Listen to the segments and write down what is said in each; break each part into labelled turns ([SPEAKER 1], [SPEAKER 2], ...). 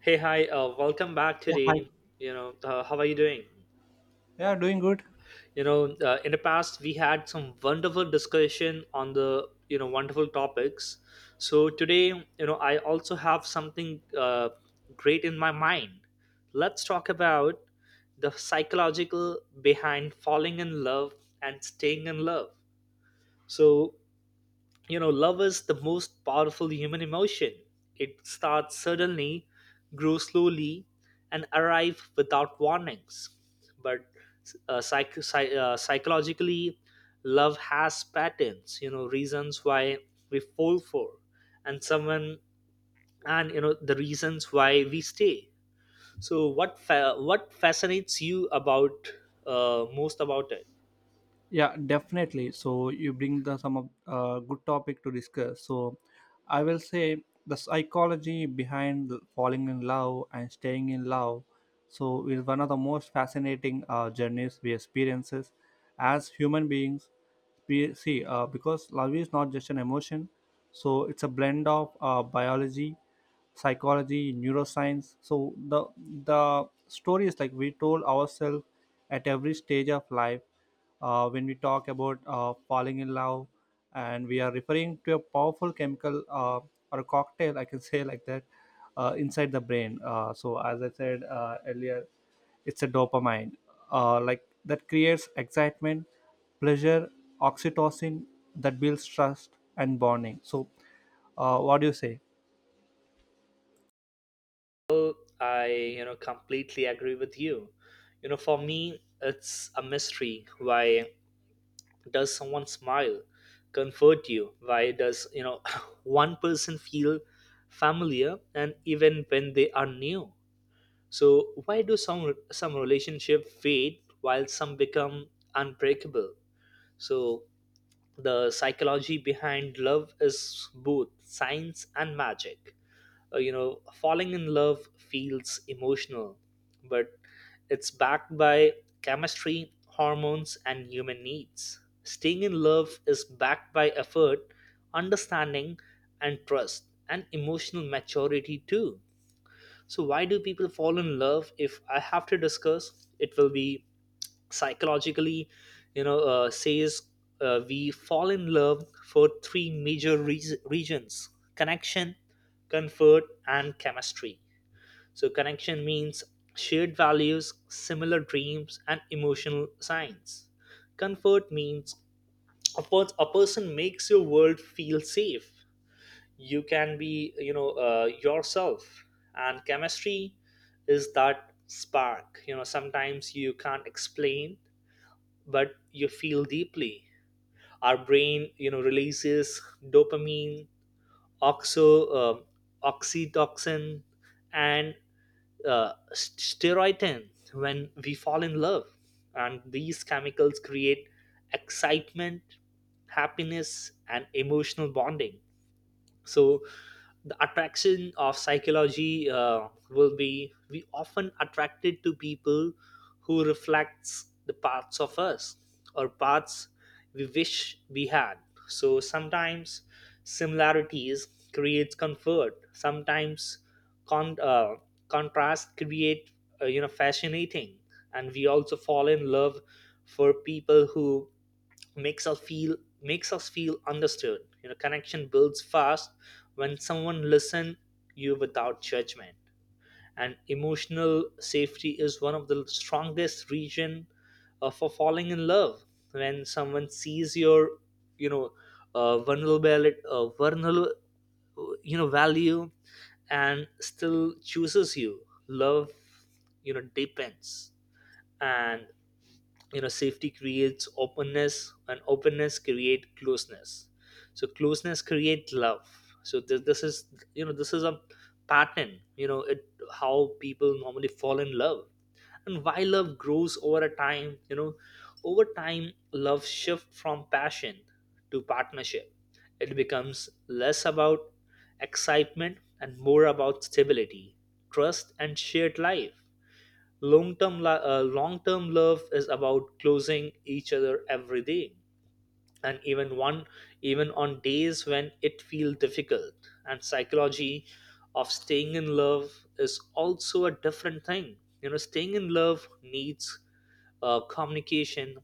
[SPEAKER 1] Hey, hi, welcome back
[SPEAKER 2] Yeah, hi.
[SPEAKER 1] today. You know, how are you doing?
[SPEAKER 2] Yeah, doing good.
[SPEAKER 1] You know, in the past, we had some wonderful discussion on the wonderful topics. So today, I also have something great in my mind. Let's talk about the psychological behind falling in love and staying in love. So, love is the most powerful human emotion. It starts suddenly, grows slowly, and arrives without warnings, but psychologically, love has patterns, reasons why we fall for and someone, and the reasons why we stay. So what fascinates you about most about it?
[SPEAKER 2] Yeah, definitely. So you bring the some of good topic to discuss. So I will say the psychology behind the falling in love and staying in love so is one of the most fascinating journeys we experiences as human beings. We see because love is not just an emotion, so it's a blend of biology, psychology, neuroscience. So the story is like we told ourselves at every stage of life. When we talk about falling in love, and we are referring to a powerful chemical or a cocktail, I can say like that, inside the brain. So, as I said earlier, it's a dopamine, like that creates excitement, pleasure, oxytocin that builds trust and bonding. So, what do you say?
[SPEAKER 1] Oh, I completely agree with you. You know, for me, it's a mystery. Why does someone smile, comfort you? Why does, one person feel familiar and even when they are new? So why do some relationship fade while some become unbreakable? So the psychology behind love is both science and magic. Falling in love feels emotional, but it's backed by chemistry, hormones, and human needs. Staying in love is backed by effort, understanding, and trust, and emotional maturity too. So why do people fall in love? If I have to discuss, it will be psychologically. Says, we fall in love for three major regions: connection, comfort, and chemistry. So connection means shared values, similar dreams, and emotional signs. Comfort means a person makes your world feel safe. You can be, yourself. And chemistry is that spark. Sometimes you can't explain, but you feel deeply. Our brain, releases dopamine, oxo, uh, oxytocin, and serotonin when we fall in love, and these chemicals create excitement, happiness, and emotional bonding. So the attraction of psychology will be we often attracted to people who reflects the parts of us, or parts we wish we had. So sometimes similarities creates comfort, sometimes con- uh, contrast create fascinating. And we also fall in love for people who makes us feel makes us feel understood. Connection builds fast when someone listens you without judgment. And emotional safety is one of the strongest region for falling in love. When someone sees your, you know vulnerability, vulnerable, value, and still chooses you, love, depends. And, safety creates openness, and openness create closeness. So closeness create love. So this is, this is a pattern. It, how people normally fall in love, and why love grows over a time. Over time, love shift from passion to partnership. It becomes less about excitement and more about stability, trust, and shared life. Long term love is about closing each other every day, and even on days when it feels difficult. And psychology of staying in love is also a different thing. Staying in love needs communication,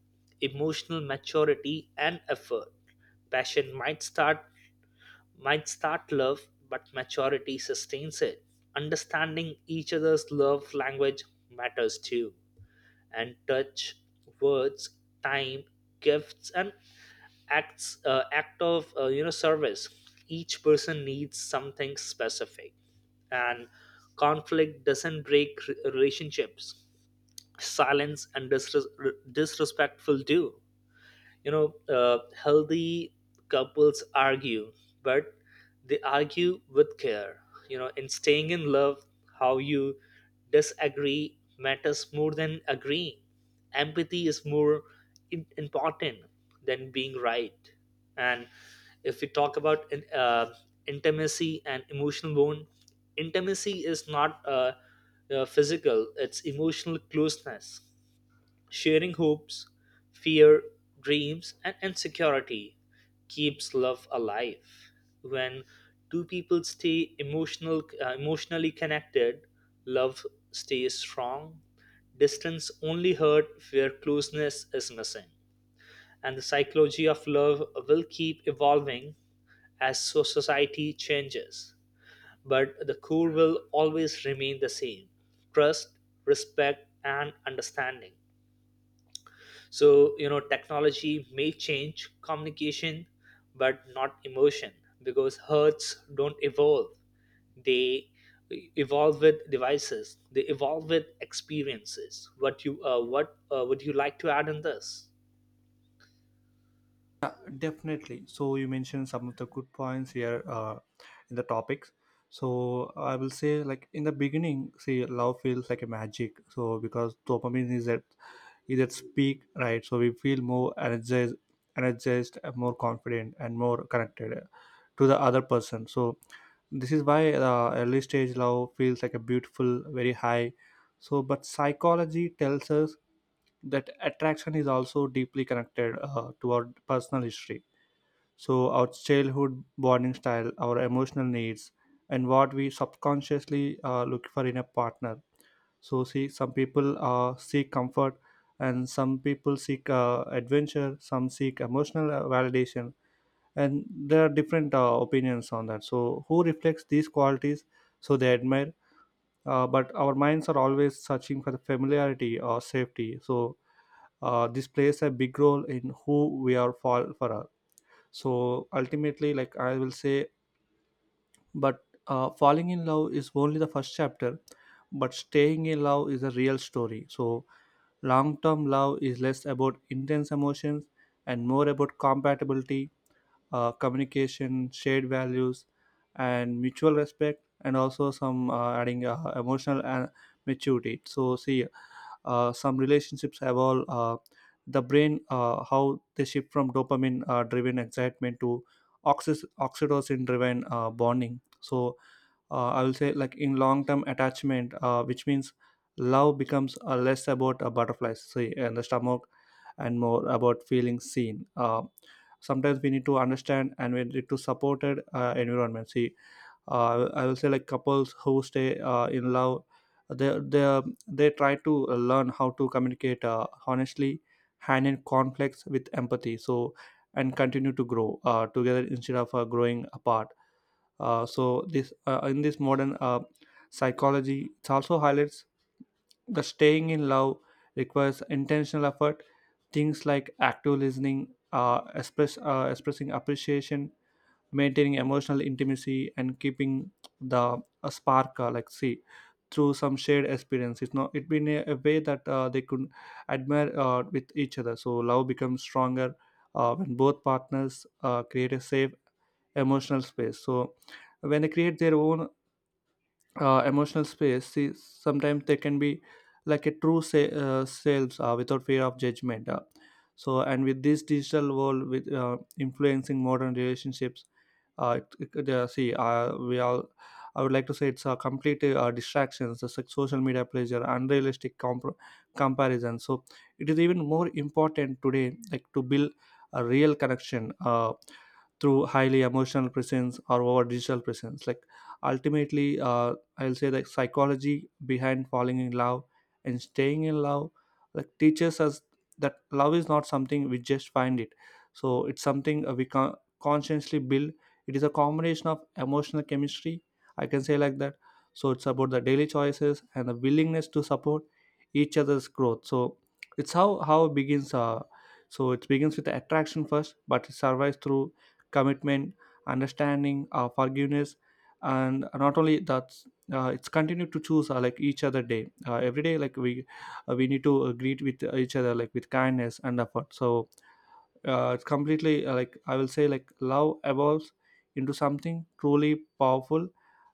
[SPEAKER 1] emotional maturity, and effort. Passion might start love, but maturity sustains it. Understanding each other's love language matters too, and touch, words, time, gifts, and act of, service. Each person needs something specific, and conflict doesn't break relationships. Silence and disres- disrespectful do. Healthy couples argue, but they argue with care. In staying in love, how you disagree matters more than agreeing. Empathy is more important than being right. And if we talk about intimacy and emotional bond, intimacy is not physical. It's emotional closeness. Sharing hopes, fear, dreams, and insecurity keeps love alive. When two people stay emotional, emotionally connected, love stays strong. Distance only hurt where closeness is missing. And the psychology of love will keep evolving as society changes. But the core will always remain the same: trust, respect, and understanding. So technology may change communication, but not emotion, because hearts don't evolve. They evolve with devices. They evolve with experiences. What would you like to add in this?
[SPEAKER 2] Yeah, definitely. So you mentioned some of the good points here in the topics. So I will say, like in the beginning, see, love feels like a magic. So because dopamine is at its peak, right? So we feel more energized, and more confident, and more connected to the other person. So this is why early stage love feels like a beautiful, very high. So, but psychology tells us that attraction is also deeply connected to our personal history. So, our childhood bonding style, our emotional needs, and what we subconsciously look for in a partner. So, see, some people seek comfort, and some people seek adventure, some seek emotional validation, and there are different opinions on that. So, who reflects these qualities so they admire? But our minds are always searching for the familiarity or safety. So, this plays a big role in who we are fall for her. So ultimately, like I will say, but falling in love is only the first chapter, but staying in love is a real story. So long term love is less about intense emotions and more about compatibility, communication, shared values, and mutual respect, and also some adding emotional and maturity. So, see, some relationships have all the brain how they shift from dopamine driven excitement to oxytocin driven bonding. So, I will say like in long term attachment, which means love becomes less about butterflies, see, and the stomach, and more about feeling seen. Sometimes we need to understand and we need to supported environment, see. I will say like couples who stay in love, they they they try to learn how to communicate honestly, handle conflicts with empathy, so and continue to grow together instead of growing apart. So this in this modern psychology, it also highlights that staying in love requires intentional effort. Things like active listening, expressing appreciation, maintaining emotional intimacy, and keeping the a spark like, see, through some shared experience. It's not it been a way that they could admire with each other. So love becomes stronger when both partners create a safe emotional space, so when they create their own emotional space, see, sometimes they can be like a true selves without fear of judgment. So and with this digital world with influencing modern relationships, see, we all I would like to say it's a complete distractions, the social media pleasure, unrealistic comparison. So it is even more important today like to build a real connection. Through highly emotional presence or over digital presence, like ultimately, I'll say the psychology behind falling in love and staying in love like teaches us that love is not something we just find it. So it's something we can consciously build. It is a combination of emotional chemistry, I can say like that. So it's about the daily choices and the willingness to support each other's growth. So it's how it begins. So it begins with the attraction first, but it survives through commitment, understanding, forgiveness, and not only that, it's continued to choose like each other day. Every day, like we need to greet with each other like with kindness and effort. So it's completely like I will say like love evolves into something truly powerful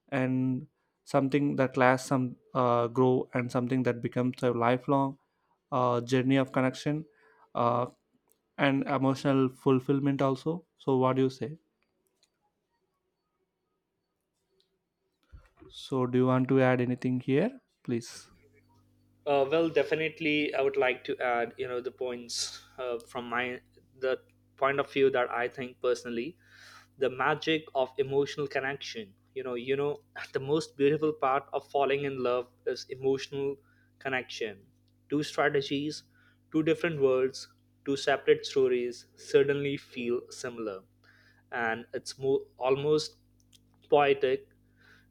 [SPEAKER 2] and something that lasts, some grow, and something that becomes a lifelong journey of connection, uh, and emotional fulfillment also. So what do you say? So, do you want to add anything here, please?
[SPEAKER 1] Well, definitely, I would like to add, the points from my the point of view that I think personally, the magic of emotional connection. The most beautiful part of falling in love is emotional connection. Two strategies, two different worlds, two separate stories suddenly feel similar, and it's more almost poetic.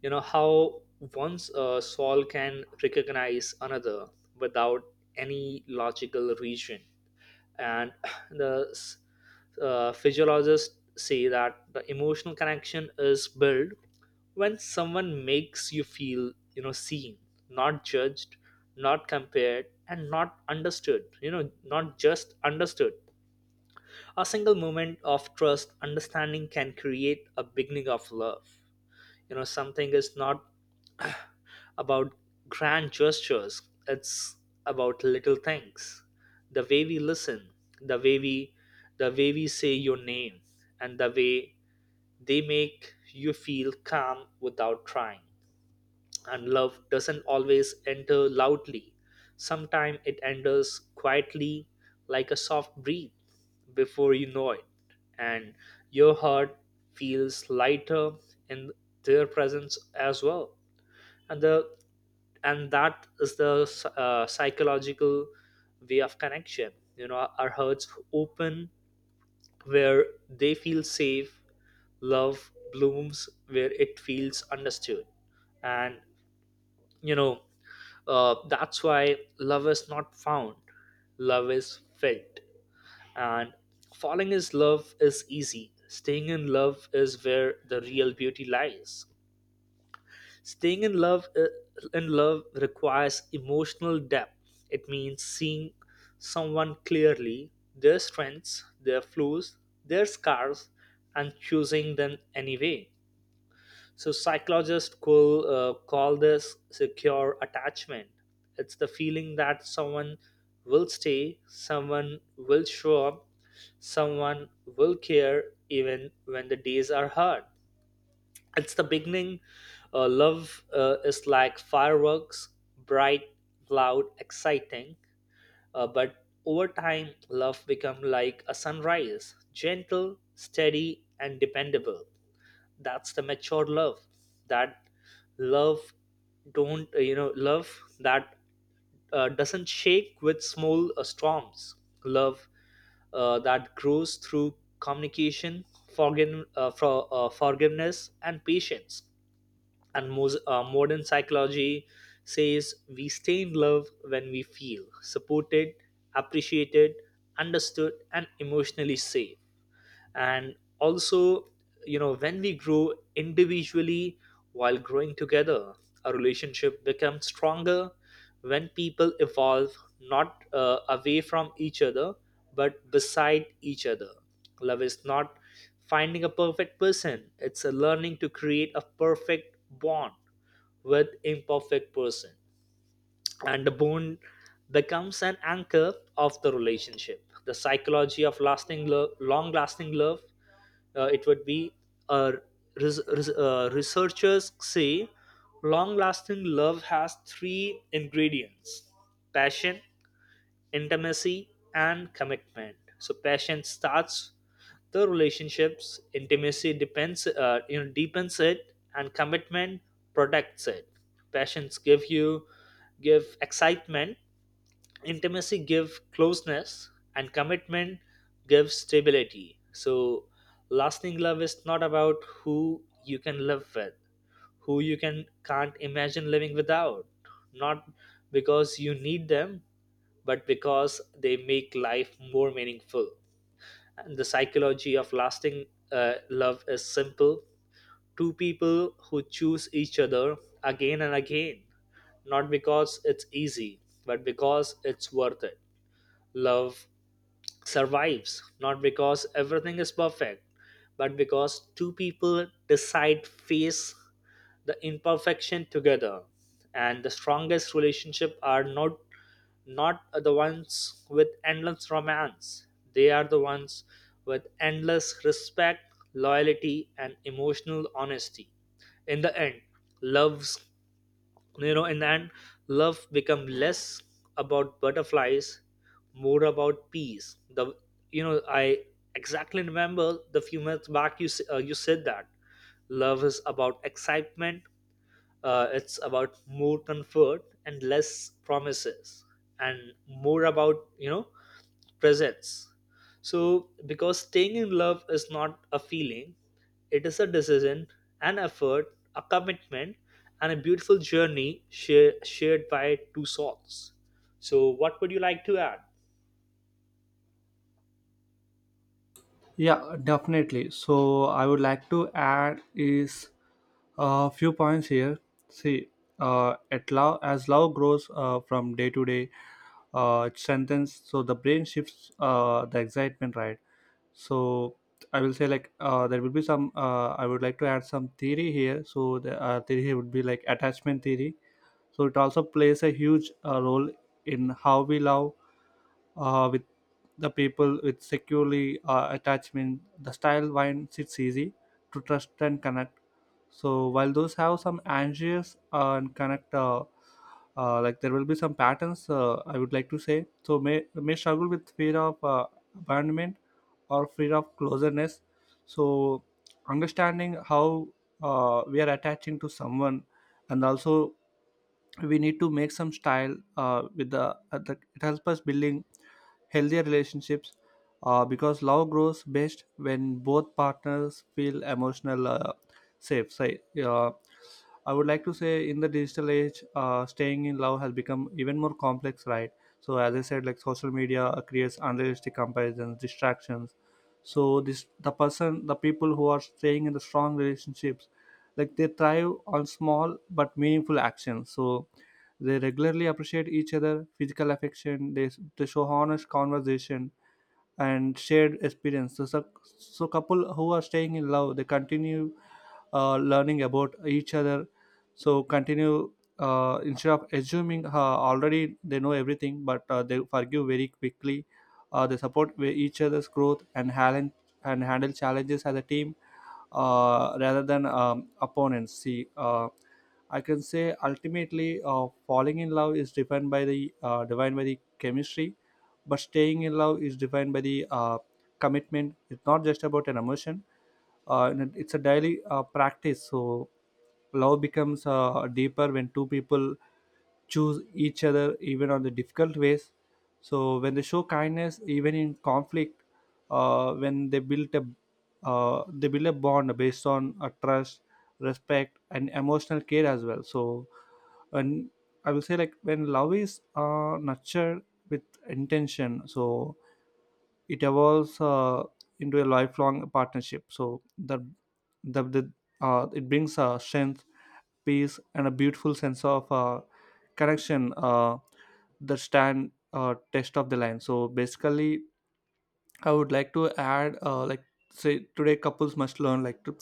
[SPEAKER 1] How once a soul can recognize another without any logical reason. And the physiologists say that the emotional connection is built when someone makes you feel, seen, not judged, not compared, and not understood. Not just understood. A single moment of trust understanding can create a beginning of love. Something is not about grand gestures. It's about little things: the way we listen, the way we the way we say your name, and the way they make you feel calm without trying. And love doesn't always enter loudly. Sometimes it enters quietly, like a soft breath, before you know it, and your heart feels lighter in their presence as well. And the and that is the psychological way of connection. You know, our hearts open where they feel safe. Love blooms where it feels understood, and, you know that's why love is not found, love is felt. And falling in love is easy. Staying in love is where the real beauty lies. Staying in love requires emotional depth. It means seeing someone clearly, their strengths, their flaws, their scars, and choosing them anyway. So psychologists call this secure attachment. It's the feeling that someone will stay, someone will show up, someone will care even when the days are hard. It's the beginning. Love is like fireworks: bright, loud, exciting. But over time, love becomes like a sunrise: gentle, steady, and dependable. That's the mature love, that love don't love that doesn't shake with small storms, love that grows through communication, forgiveness, and patience. And most modern psychology says we stay in love when we feel supported, appreciated, understood, and emotionally safe. And also, when we grow individually while growing together, a relationship becomes stronger when people evolve, not away from each other, but beside each other. Love is not finding a perfect person. It's a learning to create a perfect bond with imperfect person. And the bond becomes an anchor of the relationship. The psychology of lasting love, long lasting love, it would be, uh, researchers say long lasting love has three ingredients: passion, intimacy, and commitment. So passion starts the relationships, intimacy depends you know deepens it, and commitment protects it. Passions give you give excitement, intimacy give closeness, and commitment gives stability. So lasting love is not about who you can live with, who you can't imagine living without, not because you need them, but because they make life more meaningful. And the psychology of lasting love is simple. Two people who choose each other again and again, not because it's easy, but because it's worth it. Love survives not because everything is perfect, but because two people decide face the imperfection together. And the strongest relationship are not the ones with endless romance. They are the ones with endless respect, loyalty, and emotional honesty. In the end, loves, you know and then love become less about butterflies, more about peace. The you know i exactly remember the few months back, you said that love is about excitement. It's about more comfort and less promises, and more about, presence. So because staying in love is not a feeling, it is a decision, an effort, a commitment, and a beautiful journey shared by two souls. So what would you like to add?
[SPEAKER 2] Yeah, definitely. So, I would like to add is a few points here. See, at love as love grows from day to day, it strengthens. So the brain shifts the excitement, right? So I will say like there will be some. I would like to add some theory here. So the theory here would be like attachment theory. So it also plays a huge role in how we love with the people with securely attachment. The style wine sits easy to trust and connect. So while those have some anxious and connect, like there will be some patterns. I would like to say so may struggle with fear of abandonment or fear of closeness. So understanding how we are attaching to someone and also we need to make some style with the it helps us building healthier relationships because love grows best when both partners feel emotional safe. So, uh, I would like to say in the digital age staying in love has become even more complex, right? So as I said like social media creates unrealistic comparisons, distractions. So this the person, the people who are staying in the strong relationships, like they thrive on small but meaningful actions. So they regularly appreciate each other, physical affection, they show honest conversation and shared experience. So, so couple who are staying in love they continue learning about each other. So continue instead of assuming already they know everything, but they forgive very quickly. They support each other's growth and and handle challenges as a team, rather than opponents. See, I can say ultimately, falling in love is defined by the chemistry, but staying in love is defined by the commitment. It's not just about an emotion, and it's a daily practice. So love becomes deeper when two people choose each other even on the difficult ways. So when they show kindness even in conflict, when they build a bond based on a trust, respect, and emotional care as well. So and I will say like when love is nurtured with intention, so it evolves into a lifelong partnership. So the it brings strength, peace, and a beautiful sense of connection that stand test of the line. So basically I would like to add, like, say, today couples must learn, like, to,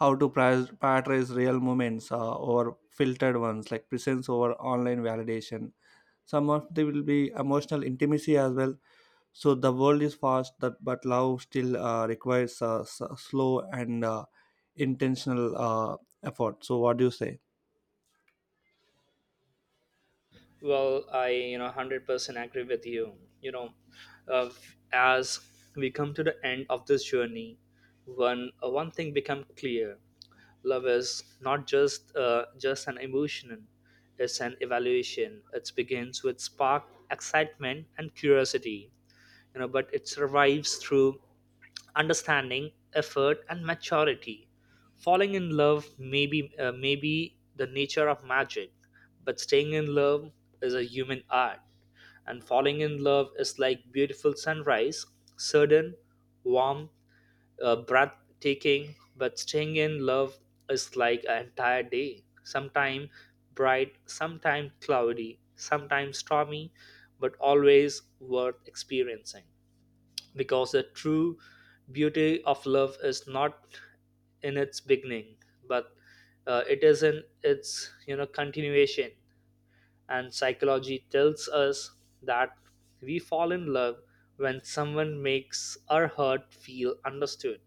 [SPEAKER 2] how to prioritize real moments over filtered ones, like presence over online validation. Some of they will be emotional intimacy as well. So the world is fast, that but love still requires slow and intentional effort. So what do you say?
[SPEAKER 1] Well, I 100% agree with you. You know, uh, as we come to the end of this journey, one thing become clear: love is not just an emotion; it's an evaluation. It begins with spark, excitement, and curiosity. You know, but it survives through understanding, effort, and maturity. Falling in love may be the nature of magic, but staying in love is a human art. And falling in love is like beautiful sunrise: sudden, warm, breathtaking. But staying in love is like an entire day. Sometimes bright, sometimes cloudy, sometimes stormy, but always worth experiencing because the true beauty of love is not in its beginning but it is in its continuation. And psychology tells us that we fall in love when someone makes our heart feel understood,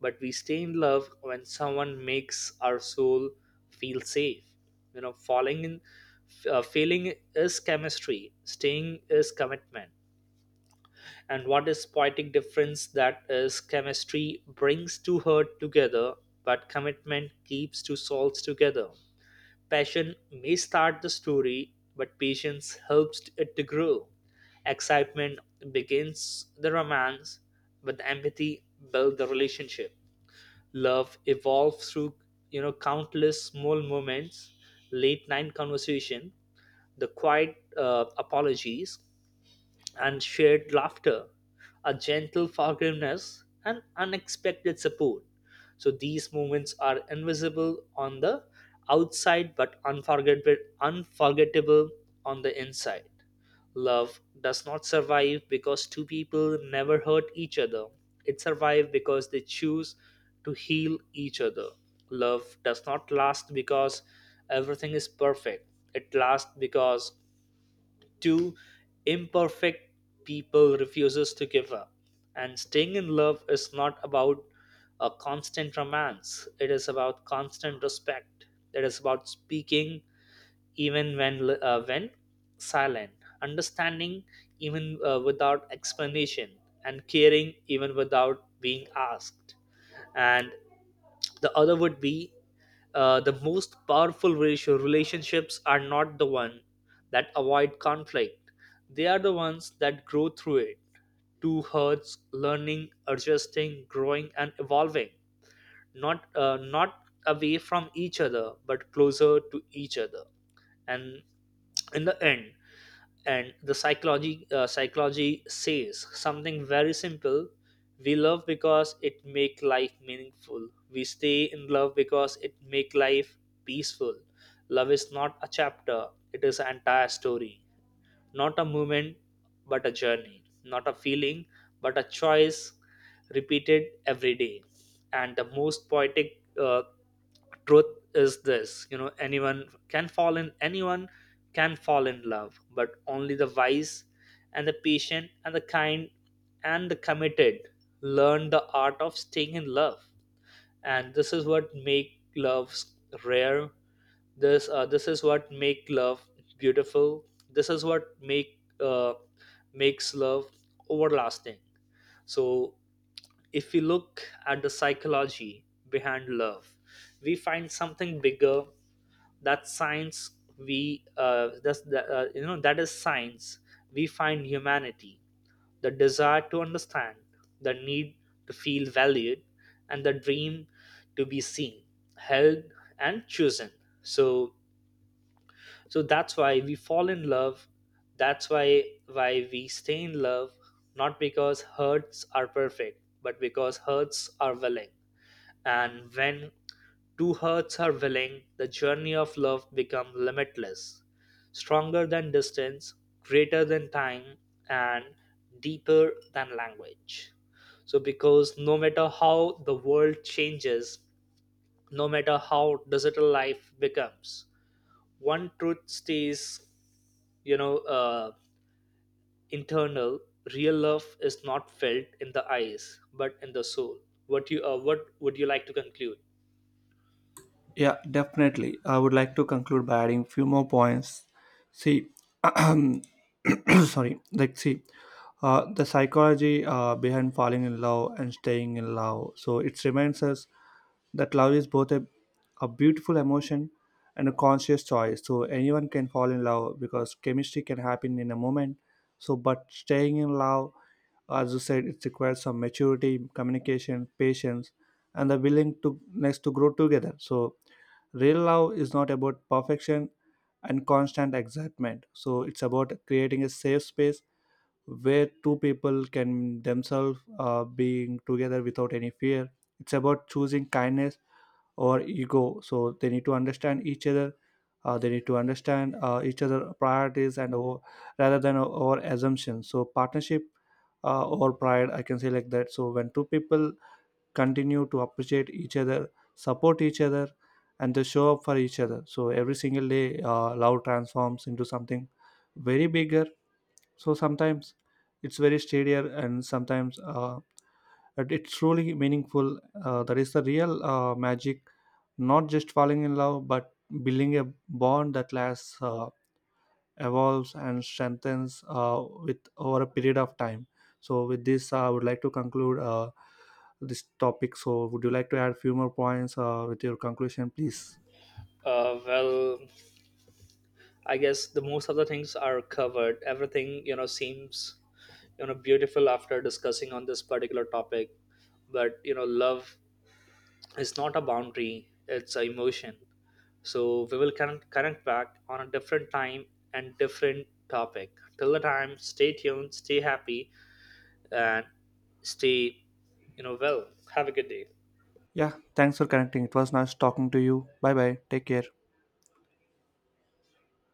[SPEAKER 1] but we stay in love when someone makes our soul feel safe. You know falling in failing is chemistry, staying is commitment. And what is poetic difference, that is chemistry brings two hurt together but commitment keeps two souls together. Passion may start the story but patience helps it to grow. Excitement begins the romance but the empathy builds the relationship. Love evolves through countless small moments: late night conversation, the quiet apologies and shared laughter, a gentle forgiveness and unexpected support. So these moments are invisible on the outside but unforgettable, unforgettable on the inside. Love does not survive because two people never hurt each other. It survives because they choose to heal each other. Love does not last because everything is perfect. It lasts because two imperfect people refuses to give up. And staying in love is not about a constant romance. It is about constant respect. It is about speaking even when silent, understanding even without explanation, and caring even without being asked. And the other would be, the most powerful ratio relationships are not the one that avoid conflict, they are the ones that grow through it. Two hearts learning, adjusting, growing and evolving, not away from each other but closer to each other. And in the end, and the psychology, psychology says something very simple: we love because it make life meaningful, we stay in love because it make life peaceful. Love is not a chapter, it is an entire story. Not a moment but a journey, not a feeling but a choice repeated every day. And the most poetic truth is this, anyone can fall in, anyone can fall in love, but only the wise and the patient and the kind and the committed learn the art of staying in love. And this is what make loves rare. This is what make love beautiful. This is what make makes love overlasting. So, if we look at the psychology behind love, we find something bigger that science. We uh, that's that, uh, you know that is science. We find humanity, the desire to understand, the need to feel valued, and the dream to be seen, held and chosen. So so that's why we fall in love, that's why we stay in love. Not because hurts are perfect but because hurts are willing. And when two hearts are willing, the journey of love becomes limitless, stronger than distance, greater than time, and deeper than language. So, because no matter how the world changes, no matter how digital life becomes, one truth stays. you know uh, Internal real love is not felt in the eyes but in the soul. What you what would you like to conclude?
[SPEAKER 2] Yeah, definitely. I would like to conclude by adding few more points. See, sorry, like, see, the psychology behind falling in love and staying in love, so it reminds us that love is both a beautiful emotion and a conscious choice. So anyone can fall in love because chemistry can happen in a moment. So but staying in love, as you said, it requires some maturity, communication, patience, and the willing to next to grow together. So real love is not about perfection and constant excitement. So it's about creating a safe space where two people can themselves being together without any fear. It's about choosing kindness or ego, so they need to understand each other. They need to understand each other priorities and over, rather than our assumptions, so partnership or pride, I can say like that. So when two people continue to appreciate each other, support each other, and they show up for each other, so every single day, love transforms into something very bigger. So sometimes it's very steadier and sometimes but it's truly meaningful, that is the real magic. Not just falling in love, but building a bond that lasts, evolves, and strengthens with over a period of time. So with this I would like to conclude this topic. So would you like to add a few more points with your conclusion please?
[SPEAKER 1] Well, I guess the most of the things are covered. Everything seems beautiful after discussing on this particular topic. But you know, love is not a boundary, it's an emotion. So we will connect back on a different time and different topic. Till the time, stay tuned, stay happy, and stay, well, have a good day.
[SPEAKER 2] Yeah, thanks for connecting. It was nice talking to you. Bye bye, take care.